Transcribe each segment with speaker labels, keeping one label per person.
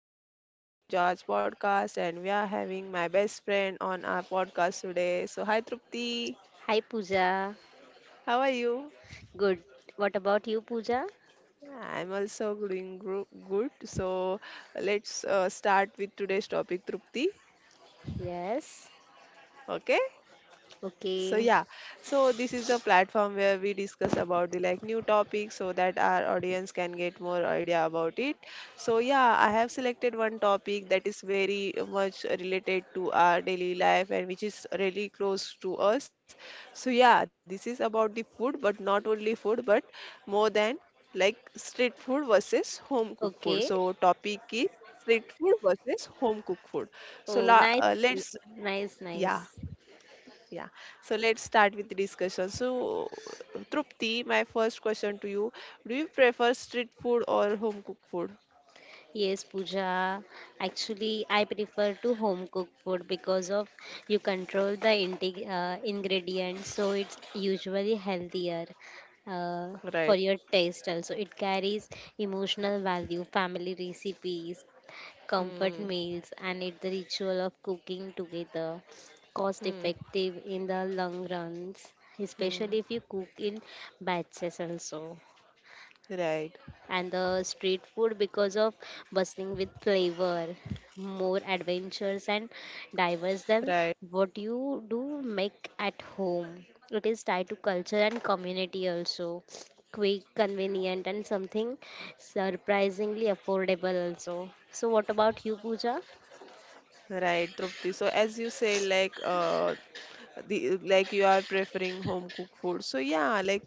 Speaker 1: here again on Pooja's podcast, and we are having my best friend on our podcast today. So, hi Trupti,
Speaker 2: Hi Pooja.
Speaker 1: how are you?
Speaker 2: Good. What about you, Pooja?
Speaker 1: Yeah, I'm also doing good. So, let's start with today's topic, Trupti.
Speaker 2: Yes.
Speaker 1: Okay? So
Speaker 2: Okay.
Speaker 1: yeah, so this is the platform where we discuss about the new topics so that our audience can get more idea about it. So yeah, I have selected one topic that is very much related to our daily life and which is really close to us. So yeah, this is about the food, but not only food, but more than like street food versus home cooked food.
Speaker 2: Okay.
Speaker 1: So topic is street food versus home cooked food. So
Speaker 2: Oh,
Speaker 1: la
Speaker 2: nice.
Speaker 1: let's
Speaker 2: Nice,
Speaker 1: yeah.
Speaker 2: nice.
Speaker 1: Yeah, so let's start with the discussion. So, Trupti, my first question to you, do you prefer street food or home cooked food?
Speaker 2: Yes, Pooja. Actually, I prefer to home cook food because of you control the intake, ingredients, so it's usually healthier uh, for
Speaker 1: Right.
Speaker 2: your taste. Also, it carries emotional value, family recipes, comfort
Speaker 1: Hmm.
Speaker 2: meals, and it's the ritual of cooking together, cost
Speaker 1: Hmm.
Speaker 2: effective in the long runs, especially
Speaker 1: Hmm.
Speaker 2: if you cook in batches also.
Speaker 1: Right.
Speaker 2: And the street food because of bustling with flavor, more adventures and diverse than
Speaker 1: Right.
Speaker 2: what you do make at home. It is tied to culture and community also, quick, convenient, and something surprisingly affordable also. So what about you, Pooja?
Speaker 1: Right, Trupti. So, as you said, like, the like you are preferring home cooked food. So, yeah, like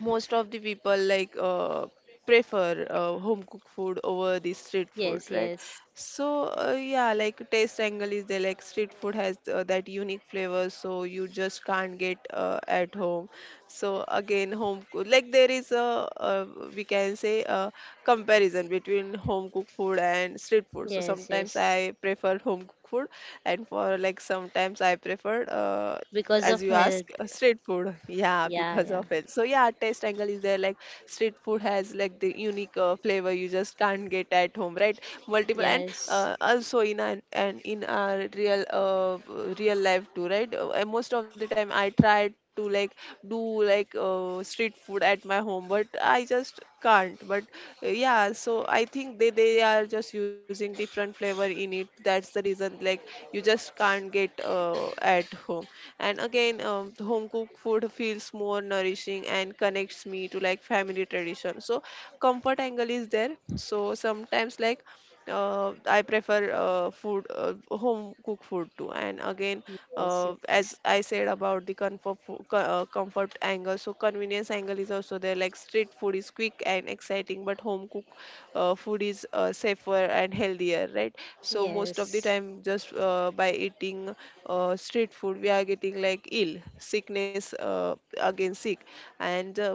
Speaker 1: most of the people like prefer home cooked food over the street food,
Speaker 2: Yes,
Speaker 1: right?
Speaker 2: yes,
Speaker 1: So yeah, like taste angle is there. Like street food has that unique flavor, so you just can't get at home. So again, like there is a we can say a comparison between home cooked food and street food. So
Speaker 2: yes,
Speaker 1: sometimes
Speaker 2: yes.
Speaker 1: I prefer home cooked food, and for like sometimes I prefer
Speaker 2: Because
Speaker 1: as
Speaker 2: of
Speaker 1: you
Speaker 2: health.
Speaker 1: ask, street food, yeah,
Speaker 2: Yeah,
Speaker 1: because
Speaker 2: yeah.
Speaker 1: of it. So yeah, taste angle is there. Like street food has like the unique flavor you just can't get at home, right? Multiple, and
Speaker 2: Yes,
Speaker 1: also in an and in our real real life too, right? And most of the time I try to like do like street food at my home, but I just can't. But yeah, so I think they are just using different flavor in it. That's the reason like you just can't get at home. And again, home cooked food feels more nourishing and connects me to like family tradition. So comfort angle is there. So sometimes like I prefer home cooked food too. And again,
Speaker 2: yes, yes,
Speaker 1: as I said about the comfort, comfort angle, so convenience angle is also there. Like street food is quick and exciting, but home cooked food is safer and healthier, right? So most of the
Speaker 2: yes,
Speaker 1: time, just by eating street food, we are getting like ill sickness, again sick. And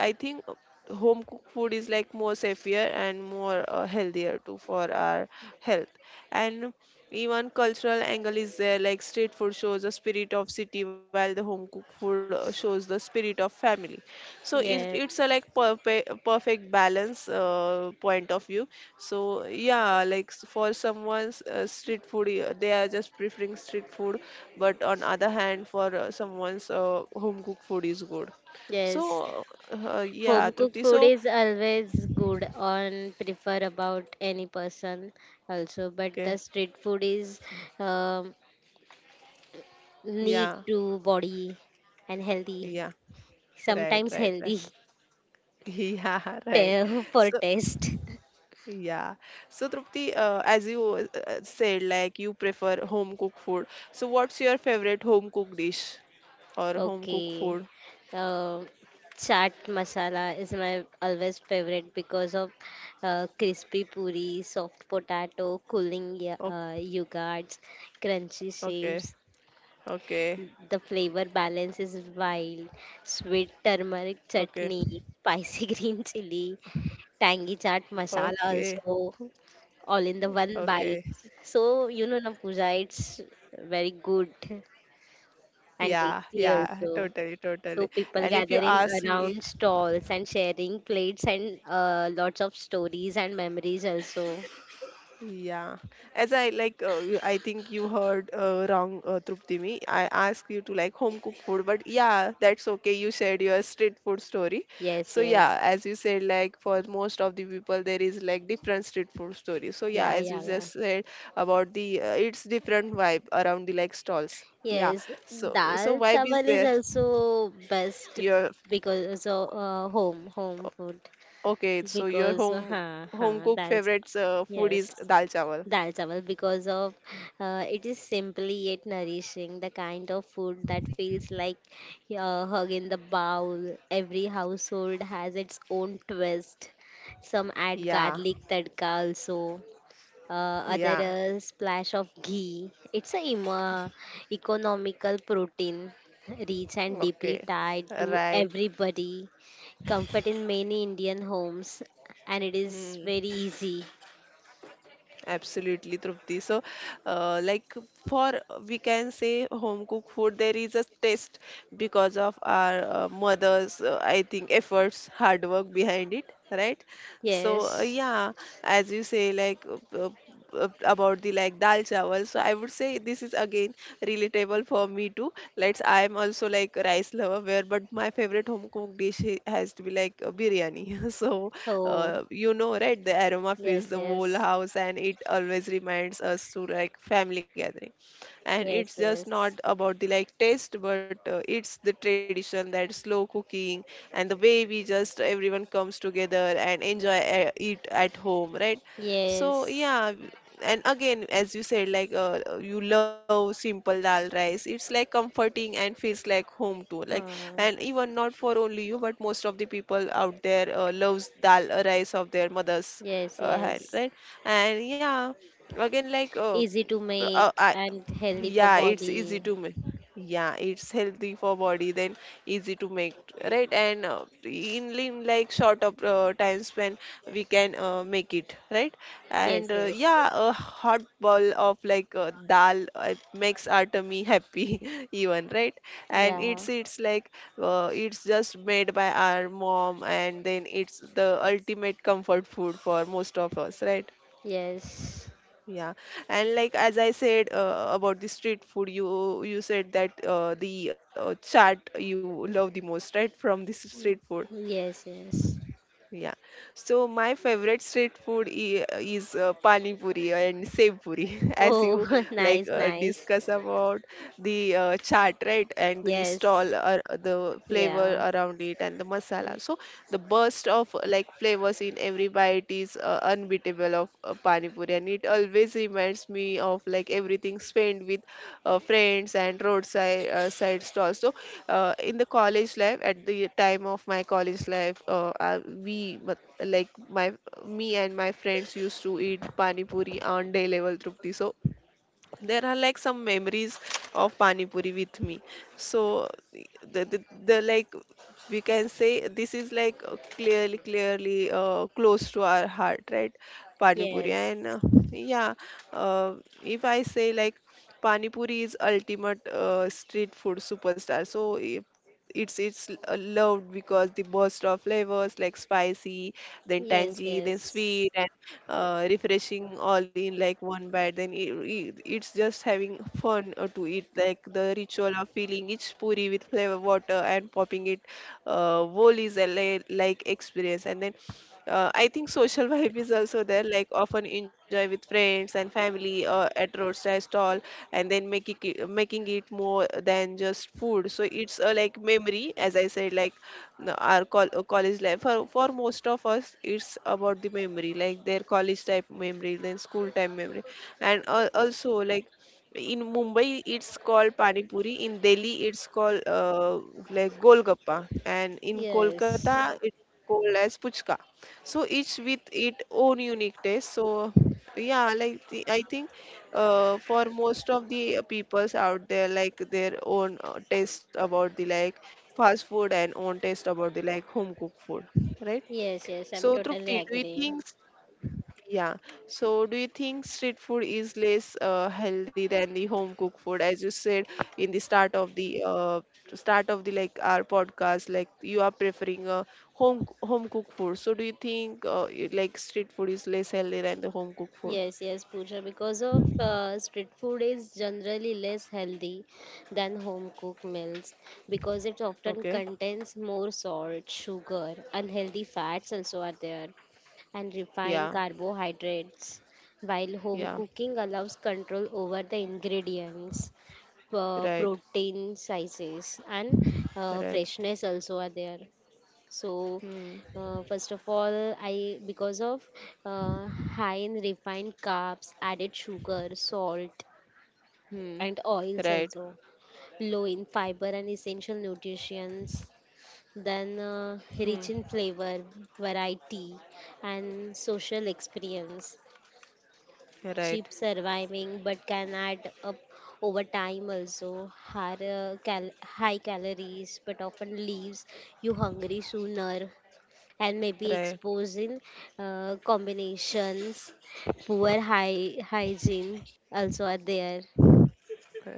Speaker 1: I think home cooked food is like more safer and more healthier too for our health. And even cultural angle is there. Like street food shows the spirit of city, while the home cooked food shows the spirit of family. So it's a
Speaker 2: yes,
Speaker 1: like perfect balance point of view. So yeah, like for someone's street food, they are just preferring street food, but on other hand, for someone's home cooked food is good. So
Speaker 2: yes.
Speaker 1: yeah,
Speaker 2: Home cooked
Speaker 1: Trupti.
Speaker 2: food
Speaker 1: So
Speaker 2: is always good on prefer about any person also, but the
Speaker 1: okay.
Speaker 2: street food is um, need
Speaker 1: Yeah.
Speaker 2: to body and healthy,
Speaker 1: Yeah. Right,
Speaker 2: sometimes
Speaker 1: right, right.
Speaker 2: healthy
Speaker 1: Yeah, right.
Speaker 2: for
Speaker 1: So
Speaker 2: taste.
Speaker 1: yeah. So, Trupti, as you said, like you prefer home cooked food. So, what's your favorite home cooked dish or home cooked
Speaker 2: Okay.
Speaker 1: food?
Speaker 2: Uh, Chaat masala is my always favorite because of crispy puri, soft potato, cooling
Speaker 1: O-
Speaker 2: yogurts, crunchy
Speaker 1: Okay,
Speaker 2: shapes.
Speaker 1: okay,
Speaker 2: The flavor balance is wild. Sweet turmeric
Speaker 1: okay,
Speaker 2: chutney, spicy green chili, tangy chaat masala
Speaker 1: okay,
Speaker 2: also, all in the one
Speaker 1: okay.
Speaker 2: bite. So you know, na Pooja, it's very good and
Speaker 1: Yeah,
Speaker 2: tasty
Speaker 1: yeah,
Speaker 2: also.
Speaker 1: totally, totally.
Speaker 2: So people
Speaker 1: And if you
Speaker 2: gathering
Speaker 1: ask me,
Speaker 2: around stalls and sharing plates and lots of stories and memories also.
Speaker 1: yeah, as I like, I think you heard wrong, Trupti, me. I asked you to like home cooked food, but yeah, that's okay. You shared your street food story.
Speaker 2: Yes,
Speaker 1: So
Speaker 2: yes.
Speaker 1: yeah, as you said, like for most of the people, there is like different street food stories. So yeah,
Speaker 2: Yeah,
Speaker 1: as you
Speaker 2: yeah, yeah.
Speaker 1: just said about the, it's different vibe around the like stalls. Yeah,
Speaker 2: Yes,
Speaker 1: so so
Speaker 2: dal
Speaker 1: vibe is
Speaker 2: chawal is
Speaker 1: there.
Speaker 2: also best
Speaker 1: Your
Speaker 2: because of home food
Speaker 1: okay, so your
Speaker 2: because
Speaker 1: home cook
Speaker 2: dal.
Speaker 1: favorites food
Speaker 2: Yes.
Speaker 1: is dal chawal.
Speaker 2: Dal chawal because of it is simply yet nourishing, the kind of food that feels like a hug in the bowl. Every household has its own twist. Some
Speaker 1: Yeah,
Speaker 2: add garlic tadka also, uh,
Speaker 1: yeah.
Speaker 2: other a splash of ghee. It's a economical protein, rich and deeply
Speaker 1: Okay,
Speaker 2: tied to
Speaker 1: right.
Speaker 2: everybody. Comfort in many Indian homes, and it is
Speaker 1: Mm,
Speaker 2: very easy.
Speaker 1: absolutely, Trupti. So, like for we can say home cooked food, there is a taste because of our mothers, I think, efforts, hard work behind it, right? So,
Speaker 2: Yes.
Speaker 1: yeah, as you say, like about the like dal chawal. So, I would say this is again relatable for me too. Let's, I'm also like a rice lover, where but my favorite home cooked dish has to be like biryani. So,
Speaker 2: So,
Speaker 1: you know right the aroma fills
Speaker 2: yes,
Speaker 1: the whole
Speaker 2: yes,
Speaker 1: house and it always reminds us to like family gathering, and it's
Speaker 2: yes,
Speaker 1: just not
Speaker 2: yes,
Speaker 1: about the like taste, but it's the tradition, that slow cooking and the way we just everyone comes together and enjoy it at home, right? So
Speaker 2: yes.
Speaker 1: yeah, and again, as you said, like you love simple dal rice. It's like comforting and feels like home too. Like, and
Speaker 2: Huh.
Speaker 1: even not for only you, but most of the people out there loves dal rice of their mother's
Speaker 2: Yes,
Speaker 1: hand,
Speaker 2: yes.
Speaker 1: right? And yeah, again, like
Speaker 2: Easy to make
Speaker 1: I,
Speaker 2: and healthy for
Speaker 1: yeah, it's easy
Speaker 2: body.
Speaker 1: to make. Yeah, it's healthy for body. Then easy to make, right? And in like short of time span, we can make it, right?
Speaker 2: Yes,
Speaker 1: And
Speaker 2: yes.
Speaker 1: yeah, a hot bowl of like dal makes our tummy happy even, right? And
Speaker 2: Yeah.
Speaker 1: it's like it's just made by our mom, and then it's the ultimate comfort food for most of us, right?
Speaker 2: Yes.
Speaker 1: Yeah, and like as I said about the street food, you said that the chaat you love the most, right? From this street food.
Speaker 2: Yes, yes.
Speaker 1: Yeah. So my favorite street food is pani puri and sev puri, as
Speaker 2: Oh,
Speaker 1: you like
Speaker 2: nice, nice.
Speaker 1: discuss about the chaat, right? And the
Speaker 2: Yes.
Speaker 1: stall, the flavor
Speaker 2: Yeah.
Speaker 1: around it, and the masala. So the burst of like flavors in every bite is unbeatable. Of pani puri, and it always reminds me of like everything spent with friends and roadside side stalls. So in the college life, at the time of my college life, I, we but, like my me and my friends used to eat pani puri on day level, Trupti. So there are like some memories of pani puri with me. So the like we can say this is like clearly close to our heart, right? Pani puri.
Speaker 2: Yes.
Speaker 1: And yeah, uh, if I say like pani puri is ultimate street food superstar. So it's loved because the burst of flavors like spicy, then
Speaker 2: Yes,
Speaker 1: tangy, then
Speaker 2: yes.
Speaker 1: sweet, refreshing, all in like one bite. Then it's just having fun to eat. Like the ritual of filling each puri with flavor water and popping it whole is a like experience. And then I think social vibe is also there, like often enjoy with friends and family at roadside stall, and then making it more than just food. So it's like memory, as I said, like college life, for most of us it's about the memory, like their college type memory, then school time memory. And also like in Mumbai it's called pani puri, in Delhi it's called like golgappa, and in Kolkata
Speaker 2: Yes.
Speaker 1: it's called as puchka. So each with its own unique taste. So yeah, like the, I think for most of the peoples out there, like their own taste about the like fast food, and own taste about the like home cooked food, right?
Speaker 2: Yes, yes. I'm
Speaker 1: So
Speaker 2: totally
Speaker 1: Trupti, do you
Speaker 2: agree.
Speaker 1: think yeah. So, do you think street food is less healthy than the home cooked food? As you said in the start of the start of the like our podcast, like you are preferring home cooked food. So, do you think like street food is less healthy than the home cooked food?
Speaker 2: Yes, yes, Pooja, because of street food is generally less healthy than home cooked meals because it often
Speaker 1: Okay.
Speaker 2: contains more salt, sugar, unhealthy fats also are there, and refined
Speaker 1: Yeah.
Speaker 2: carbohydrates. While home
Speaker 1: Yeah.
Speaker 2: cooking allows control over the ingredients,
Speaker 1: Right.
Speaker 2: protein sizes, and
Speaker 1: Right.
Speaker 2: freshness also are there. So,
Speaker 1: Hmm.
Speaker 2: first of all, I because of high in refined carbs, added sugar, salt,
Speaker 1: Hmm.
Speaker 2: and oils
Speaker 1: Right.
Speaker 2: also, low in fiber and essential nutrients, then
Speaker 1: Hmm.
Speaker 2: rich in flavor, variety, and social experience.
Speaker 1: Right.
Speaker 2: Cheap surviving, but can add up over time also. High calories, but often leaves you hungry sooner and maybe
Speaker 1: Right.
Speaker 2: exposing combinations, poor hygiene also are there.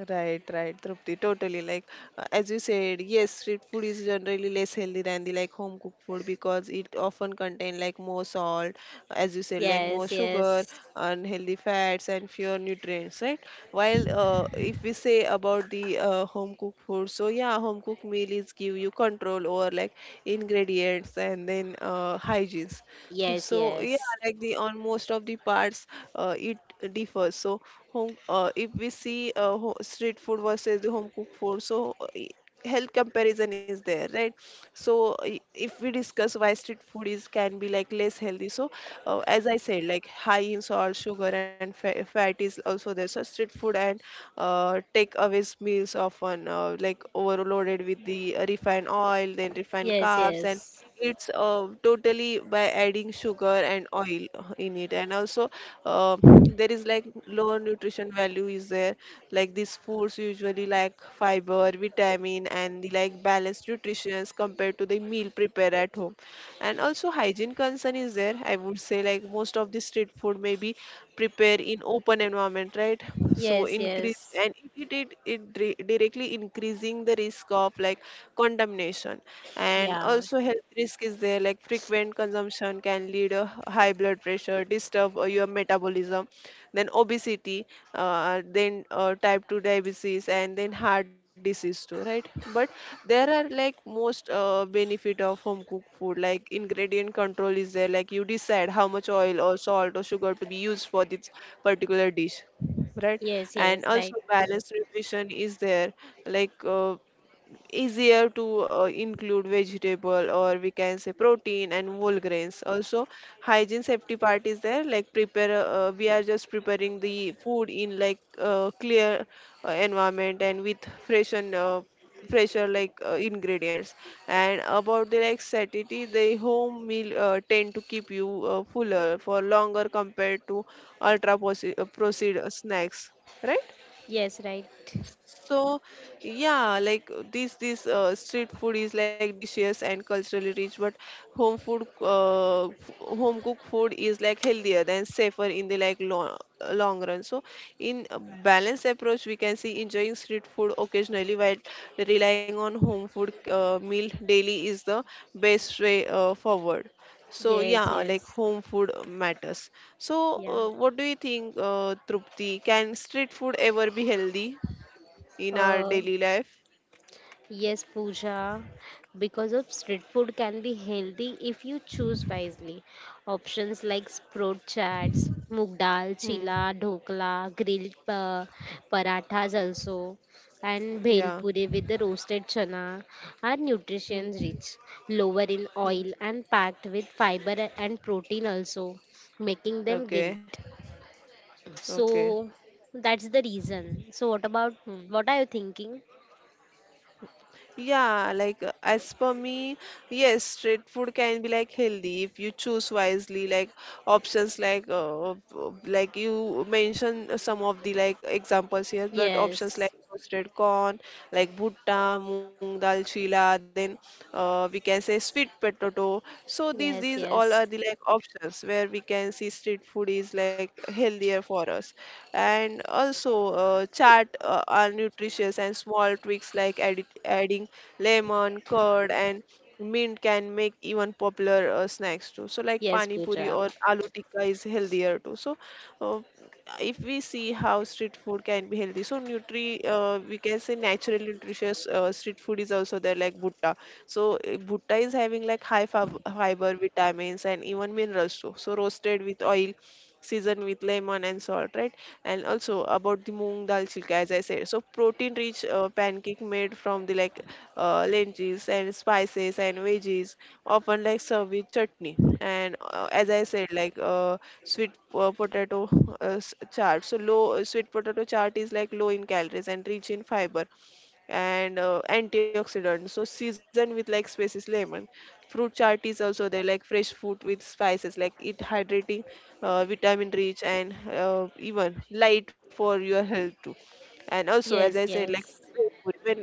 Speaker 1: Right, right, Trupti, totally. Like as you said, yes, street food is generally less healthy than the like home cooked food because it often contain like more salt, as you said, like more
Speaker 2: Yes,
Speaker 1: sugar,
Speaker 2: yes,
Speaker 1: unhealthy fats, and fewer nutrients, right? While if we say about the home cooked food, so yeah, home cooked meal is give you control over like ingredients and then hygienes.
Speaker 2: yes,
Speaker 1: So yeah,
Speaker 2: yes,
Speaker 1: like the on most of the parts, it differs. So home, if we see ho street food versus the home cooked food, so health comparison is there, right? So if we discuss why street food is can be like less healthy, so as I said, like high in salt, sugar, and fa fat is also there. So street food and takeaways meals often like overloaded with the refined oil, then refined
Speaker 2: yes,
Speaker 1: carbs, and
Speaker 2: yes,
Speaker 1: it's totally by adding sugar and oil in it, and also there is like lower nutrition value is there. Like these foods usually lack fiber, vitamin, and the like balanced nutrition compared to the meal prepared at home, and also hygiene concern is there. I would say like most of the street food may be prepared in open environment, right? So
Speaker 2: yes,
Speaker 1: increase
Speaker 2: yes,
Speaker 1: and it directly increasing the risk of like contamination. And
Speaker 2: yeah,
Speaker 1: also health risk is there, like frequent consumption can lead a high blood pressure, disturb your metabolism, then obesity, then type 2 diabetes, and then heart disease too, right? But there are like most benefit of home cooked food, like ingredient control is there, like you decide how much oil or salt or sugar to be used for this particular dish, right?
Speaker 2: yes, yes,
Speaker 1: And
Speaker 2: right,
Speaker 1: also balanced nutrition is there, like easier to include vegetable, or we can say protein and whole grains also. Hygiene safety part is there, like prepare we are just preparing the food in like clear environment and with fresh and fresher like ingredients. And about the like satiety, the home meal tend to keep you fuller for longer compared to processed snacks, right?
Speaker 2: yes, right,
Speaker 1: So, yeah, like this street food is like delicious and culturally rich, but home food home cooked food is like healthier and safer in the like long, long run. So, in a balanced approach, we can see enjoying street food occasionally while relying on home food meal daily is the best way forward. So
Speaker 2: yes,
Speaker 1: yeah, like
Speaker 2: yes,
Speaker 1: home food matters. So
Speaker 2: yeah.
Speaker 1: what do you think, Trupti? Can street food ever be healthy in our
Speaker 2: Uh,
Speaker 1: daily life?
Speaker 2: Yes Pooja, because of street food can be healthy if you choose wisely. Options like sprout chats, moong dal,
Speaker 1: Hmm.
Speaker 2: chila, dhokla, grilled parathas also, and bhel
Speaker 1: Yeah.
Speaker 2: puri with the roasted chana are nutrition
Speaker 1: Hmm.
Speaker 2: rich, lower in
Speaker 1: Hmm.
Speaker 2: oil and packed with fiber and protein also, making them
Speaker 1: Okay.
Speaker 2: guilt.
Speaker 1: Okay.
Speaker 2: So that's the reason. So
Speaker 1: Hmm.
Speaker 2: what are you thinking?
Speaker 1: Yeah, like as per me, yes, street food can be like healthy if you choose wisely. Like options like you mentioned some of the like examples here, but options
Speaker 2: Yes.
Speaker 1: like roasted corn, like bhutta, moong dal, chila, then we can say sweet potato. So these these
Speaker 2: Yes,
Speaker 1: these all are
Speaker 2: yes.
Speaker 1: the like options where we can see street food is like healthier for us. And also chat are nutritious, and small tweaks like adding lemon curd and mint can make even popular snacks too, so like
Speaker 2: Yes,
Speaker 1: pani puri
Speaker 2: Pooja.
Speaker 1: or aloo tikka is healthier too. So uh, if we see how street food can be healthy, so nutri we can say natural nutritious street food is also there, like butta. So eh, bhutta is having like fiber, vitamins, and even minerals too. So roasted with oil, seasoned with lemon and salt, right? And also about the moong dal chilka, as I said. So protein-rich pancake made from the like lentils and spices and veggies, often like served with chutney. And as I said, like sweet potato chaat. So low sweet potato chaat is like low in calories and rich in fiber and antioxidants. So season with like spices lemon. Fruit chart is also there, like fresh fruit with spices, like it hydrating, vitamin rich, and even light for your health too. And also
Speaker 2: Yes,
Speaker 1: as I said,
Speaker 2: yes.
Speaker 1: like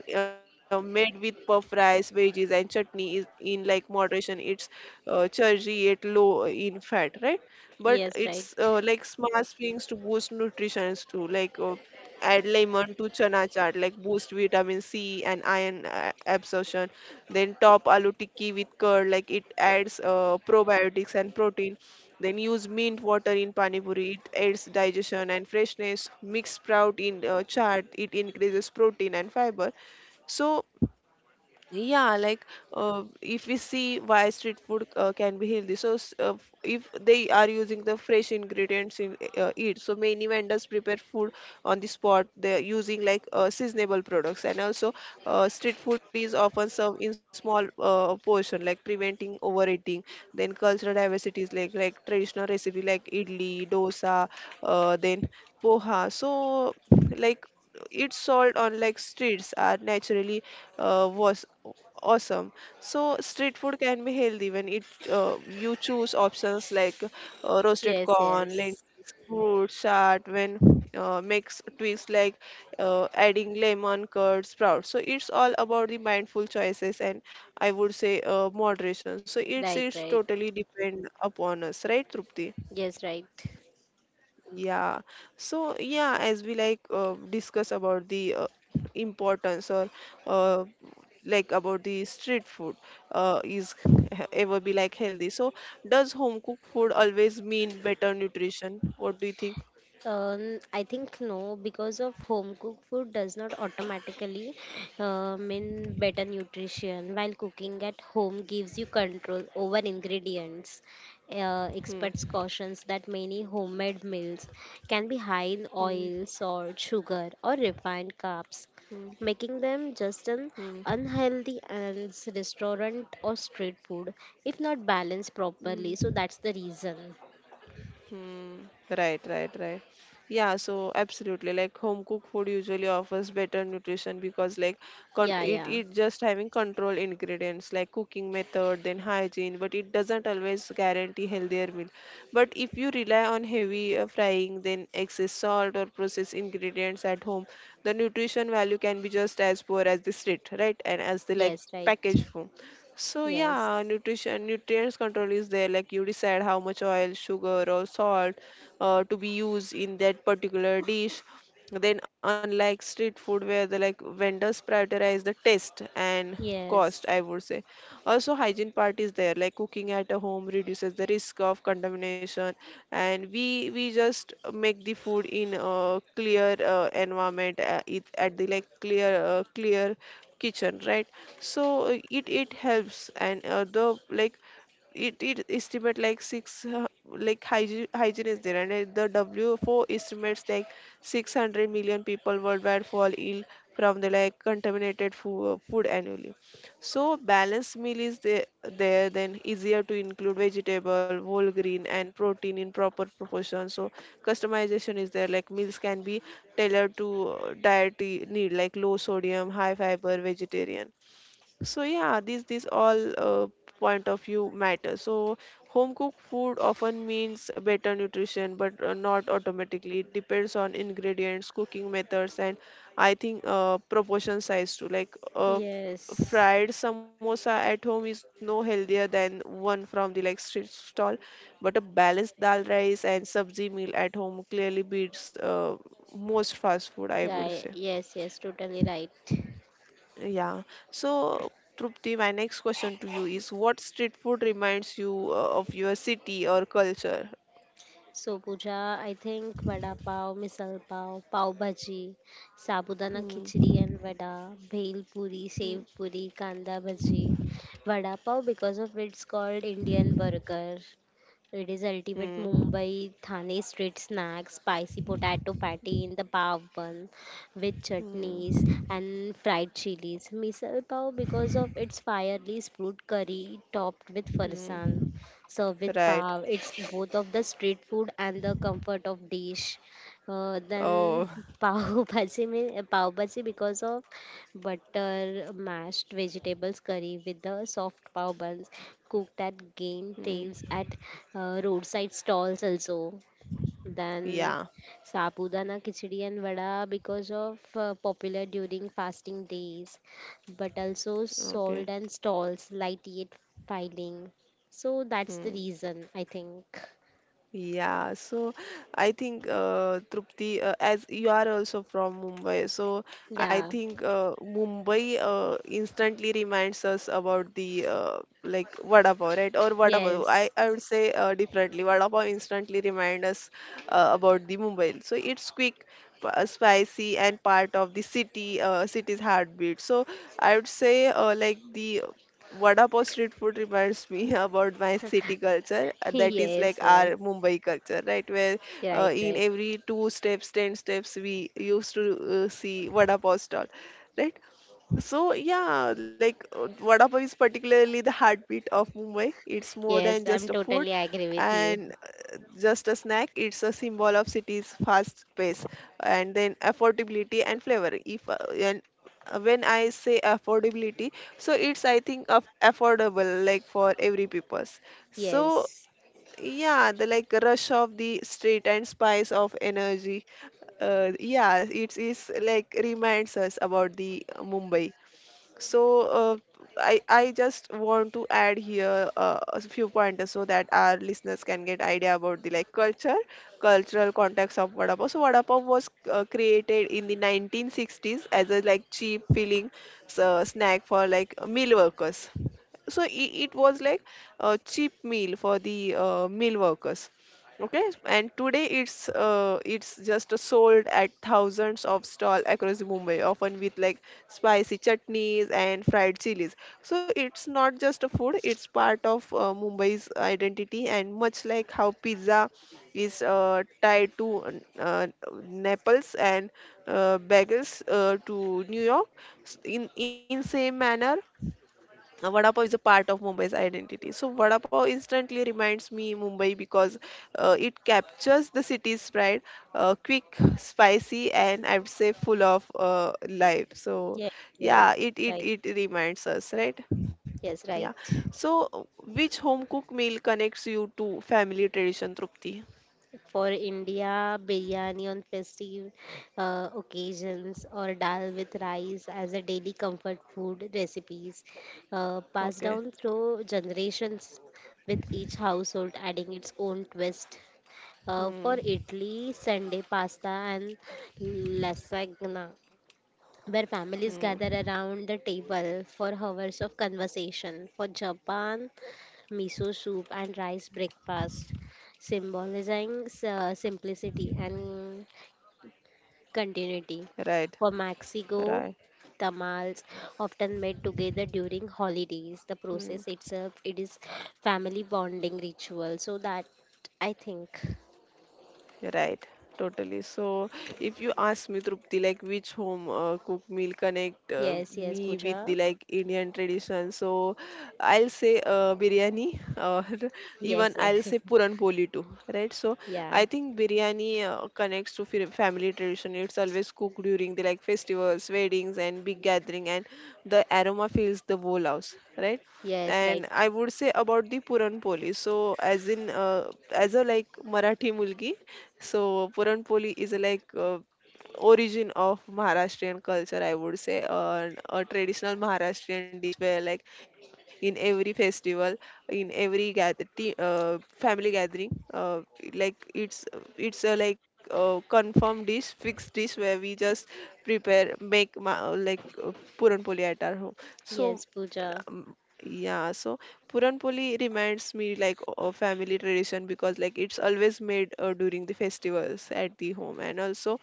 Speaker 1: paneer, when made with puff rice, veggies and chutney is in like moderation. It's chargy yet low in fat, right? But
Speaker 2: Yes, right.
Speaker 1: it's like smart things to boost nutritions too, like add lemon to chana chart, like boost vitamin c and iron absorption. Then top aloo tikki with curd, like it adds probiotics and protein. Then use mint water in pani puri, it aids digestion and freshness. Mix sprout in chaat, it increases protein and fiber. So yeah, like if we see why street food can be healthy, so if they are using the fresh ingredients in it, so many vendors prepare food on the spot. They're using like seasonable products, and also street food is often served in small portion, like preventing overeating. Then cultural diversity is like traditional recipe like idli, dosa, then poha. So like it's sold on like streets are naturally was awesome. So street food can be healthy when it you choose options like roasted
Speaker 2: Yes,
Speaker 1: corn,
Speaker 2: yes.
Speaker 1: lentils, fruit chart, when makes tweaks like adding lemon curd sprout. So it's all about the mindful choices and I would say moderation. So it's
Speaker 2: Right,
Speaker 1: it's
Speaker 2: right.
Speaker 1: totally depend upon us, right, Trupti?
Speaker 2: Yes, right.
Speaker 1: Yeah. So yeah, as we like discuss about the importance or uh, like about the street food is ever be like healthy. So does home cooked food always mean better nutrition? What do you think?
Speaker 2: I think no, because of home cooked food does not automatically mean better nutrition, while cooking at home gives you control over ingredients. Uh,
Speaker 1: Hmm.
Speaker 2: experts cautions that many homemade meals can be high in
Speaker 1: Hmm.
Speaker 2: oil, salt, sugar, or refined carbs,
Speaker 1: Hmm.
Speaker 2: making them just an
Speaker 1: Hmm.
Speaker 2: unhealthy as restaurant or street food if not balanced
Speaker 1: Hmm.
Speaker 2: properly. So that's the reason.
Speaker 1: Hmm. Right, right, right. Yeah, so absolutely. Like home cooked food usually offers better nutrition because like con
Speaker 2: Yeah,
Speaker 1: it
Speaker 2: yeah.
Speaker 1: it just having control ingredients like cooking method, then hygiene, but it doesn't always guarantee healthier meal. But if you rely on heavy frying, then excess salt or processed ingredients at home, the nutrition value can be just as poor as the street, right? And as the like
Speaker 2: Yes, right.
Speaker 1: packaged food. So
Speaker 2: Yes.
Speaker 1: yeah, nutrition nutrients control is there. Like you decide how much oil, sugar, or salt to be used in that particular dish. Then unlike street food where the like vendors prioritize the taste and cost,
Speaker 2: Yes.
Speaker 1: I would say. Also, hygiene part is there, like cooking at a home reduces the risk of contamination, and we just make the food in a clear environment at the like clear kitchen, right? So it it helps, and the like it estimate like six like hygiene is there and the W4 estimates like 600 million people worldwide fall ill from the like contaminated food annually. So balanced meal is the- there, then easier to include vegetable, whole green and protein in proper proportion. So customization is there, like meals can be tailored to dietary need, like low sodium, high fiber, vegetarian. So yeah, these all point of view matter. So home cooked food often means better nutrition, but not automatically. It depends on ingredients, cooking methods, and I think proportion size too. Like
Speaker 2: Yes.
Speaker 1: fried samosa at home is no healthier than one from the like street stall, but a balanced dal rice and sabzi meal at home clearly beats most fast food, I would say.
Speaker 2: Yeah. Yes. Yes. Totally right.
Speaker 1: Yeah. So, Trupti, my next question to you is what street food reminds you of your city or culture?
Speaker 2: So, Pooja, I think vada pav, misal pav, pav bhaji, sabudana khichdi
Speaker 1: Hmm.
Speaker 2: and vada, bhel puri,
Speaker 1: Hmm.
Speaker 2: sev puri, kanda bhaji, vada pav because of it's called Indian burger. It is ultimate
Speaker 1: Hmm.
Speaker 2: Mumbai Thane street snack, spicy potato patty in the pav bun with chutneys
Speaker 1: Hmm.
Speaker 2: and fried chilies. Misal pav because of its fiery fruit curry topped with farsan
Speaker 1: Hmm.
Speaker 2: served with
Speaker 1: Right.
Speaker 2: pav. It's both of the street food and the comfort of dish. Then
Speaker 1: Oh.
Speaker 2: pav bhaji, pav bhaji because of butter, mashed vegetables, curry with the soft pav buns cooked at game
Speaker 1: Hmm.
Speaker 2: tables at roadside stalls also. Then
Speaker 1: Yeah.
Speaker 2: Sapudana khichdi and vada because of popular during fasting days, but also
Speaker 1: Okay.
Speaker 2: sold and stalls light yet filing. So that's
Speaker 1: Hmm.
Speaker 2: the reason I think.
Speaker 1: Yeah, so I think Trupti, as you are also from Mumbai, so I
Speaker 2: Yeah.
Speaker 1: think Mumbai instantly reminds us about the like vada pav, right? Or vada pav.
Speaker 2: Yes.
Speaker 1: I would say differently. Vada pav instantly remind us about the Mumbai. So it's quick, spicy, and part of the city's heartbeat. So I would say like the vada pav street food reminds me about my city culture that is
Speaker 2: Yes.
Speaker 1: like
Speaker 2: Yes.
Speaker 1: our Mumbai culture, right? Where
Speaker 2: Right.
Speaker 1: in
Speaker 2: Right.
Speaker 1: every two steps, ten steps, we used to see vada pav stall, right? So yeah, like vada pav is particularly the heartbeat of Mumbai. It's more
Speaker 2: Yes.
Speaker 1: than
Speaker 2: I'm
Speaker 1: just a
Speaker 2: totally
Speaker 1: food
Speaker 2: agree with you.
Speaker 1: and just a snack, it's a symbol of city's fast pace and then affordability and flavor. If and when I say affordability, so it's I think of affordable like for every people's. So
Speaker 2: Yes.
Speaker 1: yeah, the like rush of the street and spice of energy. Yeah, it is like reminds us about the Mumbai. So uh, I just want to add here a few pointers so that our listeners can get idea about the like culture, cultural context of vada pav. So vada pav was created in the 1960s as a like cheap filling snack for like meal workers. So it was like a cheap meal for the meal workers. Okay, and today it's just sold at thousands of stall across Mumbai, often with like spicy chutneys and fried chilies. So it's not just a food, it's part of Mumbai's identity, and much like how pizza is tied to Naples and bagels to New York. In same manner, vada pav is a part of Mumbai's identity. So vada pav instantly reminds me Mumbai because it captures the city's pride, quick, spicy, and I would say full of life. So
Speaker 2: Yes. Yes.
Speaker 1: yeah, it it
Speaker 2: Right.
Speaker 1: it reminds us, right?
Speaker 2: Yes.
Speaker 1: Yeah.
Speaker 2: Right.
Speaker 1: So uh, which home cooked meal connects you to family tradition, Trupti?
Speaker 2: For India, biryani on festive occasions or dal with rice as a daily comfort food recipes passed
Speaker 1: Okay.
Speaker 2: down through generations with each household adding its own twist. For
Speaker 1: Hmm.
Speaker 2: Italy, Sunday pasta and lasagna where families
Speaker 1: Hmm.
Speaker 2: gather around the table for hours of conversation. For Japan, miso soup and rice breakfast, symbolizing simplicity and continuity.
Speaker 1: Right.
Speaker 2: For Mexico,
Speaker 1: Right.
Speaker 2: tamales often made together during holidays. The
Speaker 1: Hmm.
Speaker 2: process itself, it is family bonding ritual. So that I think.
Speaker 1: Right, totally. So, if you ask me, Trupti, like which home cook meal connect
Speaker 2: Yes, yes,
Speaker 1: me with the
Speaker 2: Pooja.
Speaker 1: like Indian tradition, so I'll say biryani, or
Speaker 2: Yes,
Speaker 1: even I'll
Speaker 2: yes.
Speaker 1: say puran poli too, right? So,
Speaker 2: Yeah.
Speaker 1: I think biryani connects to family tradition. It's always cooked during the like festivals, weddings, and big gathering, and the aroma fills the whole house, right?
Speaker 2: Yes, right.
Speaker 1: And I would say about the Puranpoli. So, as in, as a like Marathi mulgi, so Puranpoli is a like origin of Maharashtrian culture, I would say, a traditional Maharashtrian dish where, like, in every festival, in every family gathering, like it's a like a confirmed dish, fixed dish where we just prepare, like puran poli at our home. So.
Speaker 2: Yes, Pooja.
Speaker 1: um, yeah, so Puran Poli reminds me like of family tradition because like it's always made during the festivals at the home, and also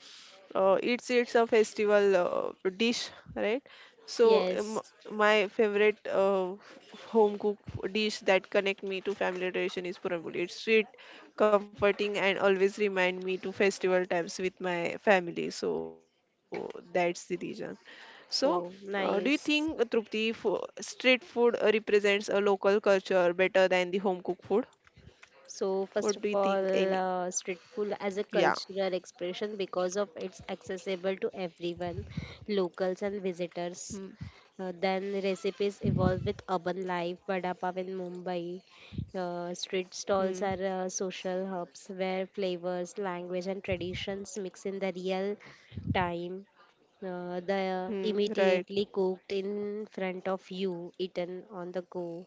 Speaker 1: it's a festival dish, right? So
Speaker 2: Yes.
Speaker 1: my favorite home cook dish that connect me to family tradition is puran poli. It's sweet, comforting, and always remind me to festival times with my family. So that's the reason. So do you
Speaker 2: Oh,
Speaker 1: think, Trupti,
Speaker 2: nice.
Speaker 1: street food represents a local culture better than the home cooked food?
Speaker 2: So,
Speaker 1: What do you
Speaker 2: first of
Speaker 1: think?
Speaker 2: all,
Speaker 1: Any,
Speaker 2: street
Speaker 1: yeah.
Speaker 2: food as a cultural expression because of it's accessible to everyone, locals and
Speaker 1: Hmm.
Speaker 2: visitors. Then recipes evolve with urban life, vada pav in Mumbai. Street
Speaker 1: Hmm.
Speaker 2: stalls are social hubs where flavors, language, and traditions mix in the real time. The
Speaker 1: Hmm. Right.
Speaker 2: immediately cooked in front of you, eaten on the go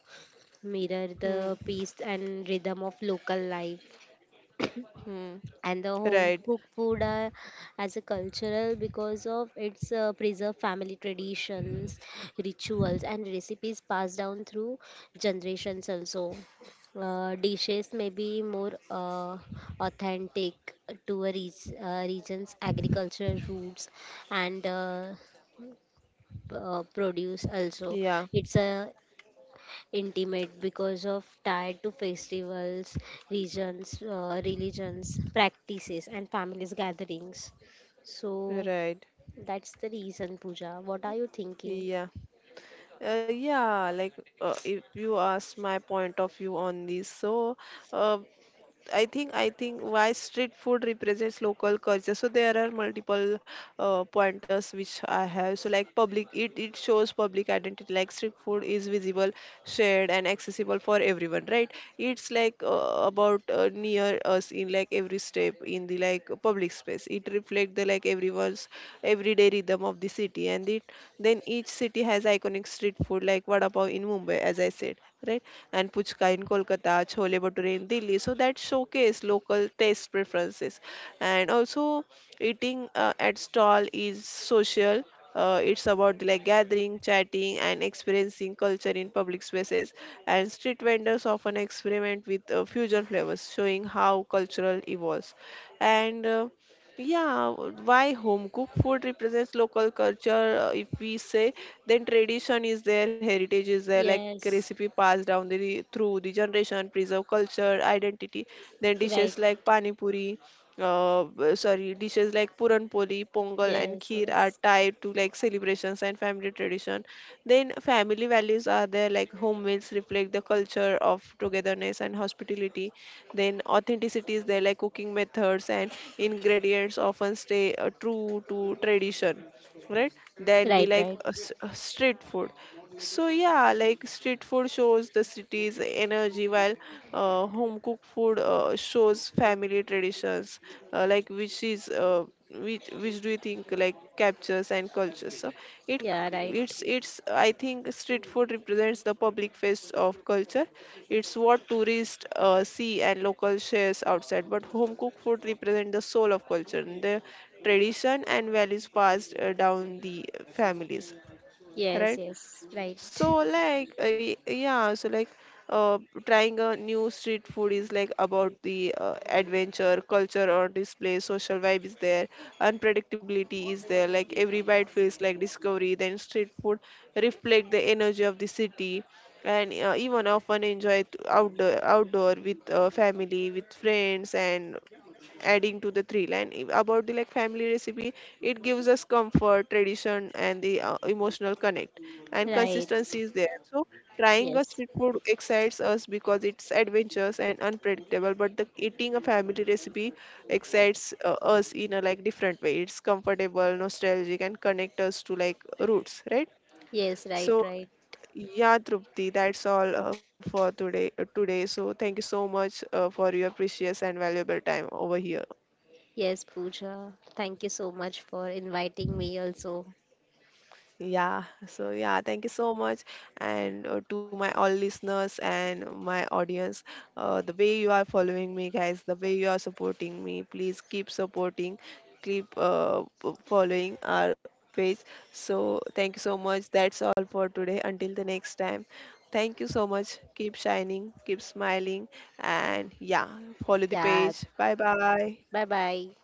Speaker 2: mirror the
Speaker 1: Hmm.
Speaker 2: pace and rhythm of local life,
Speaker 1: Hmm.
Speaker 2: and the home
Speaker 1: Right.
Speaker 2: cooked food are, as a cultural because of its preserved family traditions, rituals and recipes passed down through generations also. Dishes may be more authentic to a region's agricultural roots and produce also.
Speaker 1: Yeah,
Speaker 2: It's a intimate because of tied to festivals, regions, religions, practices, and families gatherings. So
Speaker 1: right.
Speaker 2: that's the reason, Pooja. What are you thinking?
Speaker 1: Yeah, yeah. Like, if you ask my point of view on this, so uh, I think why street food represents local culture. So there are multiple pointers which I have. So like public, it shows public identity. Like street food is visible, shared, and accessible for everyone, right? It's like about near us in like every step in the like public space. It reflects the like everyone's everyday rhythm of the city, and it then each city has iconic street food like vada pav in Mumbai, as I said, right? And puchka in Kolkata, chole bhature in Delhi. So that showcase local taste preferences, and also eating at stall is social. It's about like gathering, chatting, and experiencing culture in public spaces. And street vendors often experiment with fusion flavors, showing how cultural evolves. And yeah, why home cooked food represents local culture? If we say, then tradition is there, heritage is there, like recipe
Speaker 2: Yes,
Speaker 1: passed down the, through the generation preserve culture identity. Then dishes
Speaker 2: right.
Speaker 1: like pani puri b- sorry dishes like puranpoli, pongal, and
Speaker 2: Yes,
Speaker 1: kheer are
Speaker 2: yes.
Speaker 1: tied to like celebrations and family tradition. Then family values are there, like home meals reflect the culture of togetherness and hospitality. Then authenticity is there, like cooking methods and ingredients often stay true to tradition, right, than the
Speaker 2: Right,
Speaker 1: like
Speaker 2: right.
Speaker 1: street food. So yeah, like street food shows the city's energy, while home cooked food shows family traditions, like which is which do you think like captures and cultures? So it,
Speaker 2: Yeah, right.
Speaker 1: it's I think street food represents the public face of culture. It's what tourists see and local shares outside, but home cooked food represent the soul of culture, tradition, and values passed down the families,
Speaker 2: Yes,
Speaker 1: right?
Speaker 2: yes. Right,
Speaker 1: So like yeah, so like uh, trying a new street food is like about the adventure culture or display social vibe is there, unpredictability is there, like every bite feels like discovery. Then street food reflect the energy of the city, and even often enjoy it outdoor with family with friends. And adding to the three line about the like family recipe, it gives us comfort, tradition, and the emotional connect, and
Speaker 2: right.
Speaker 1: consistency is there. So trying a
Speaker 2: Yes,
Speaker 1: street food excites us because it's adventurous and unpredictable, but the eating a family recipe excites us in a like different way. It's comfortable, nostalgic, and connect us to like roots, right?
Speaker 2: yes. Right,
Speaker 1: So
Speaker 2: right.
Speaker 1: yeah, Trupti, that's all for today. So thank you so much for your precious and valuable time over here.
Speaker 2: Yes, Pooja. Thank you so much for inviting me. Also,
Speaker 1: Yeah, so yeah, thank you so much. And to my all listeners and my audience, the way you are following me, guys, the way you are supporting me, please keep supporting, keep following our page. So thank you so much. That's all for today. Until the next time, thank you so much. Keep shining, keep smiling, and yeah, follow the
Speaker 2: yeah.
Speaker 1: page. Bye bye.
Speaker 2: Bye, bye.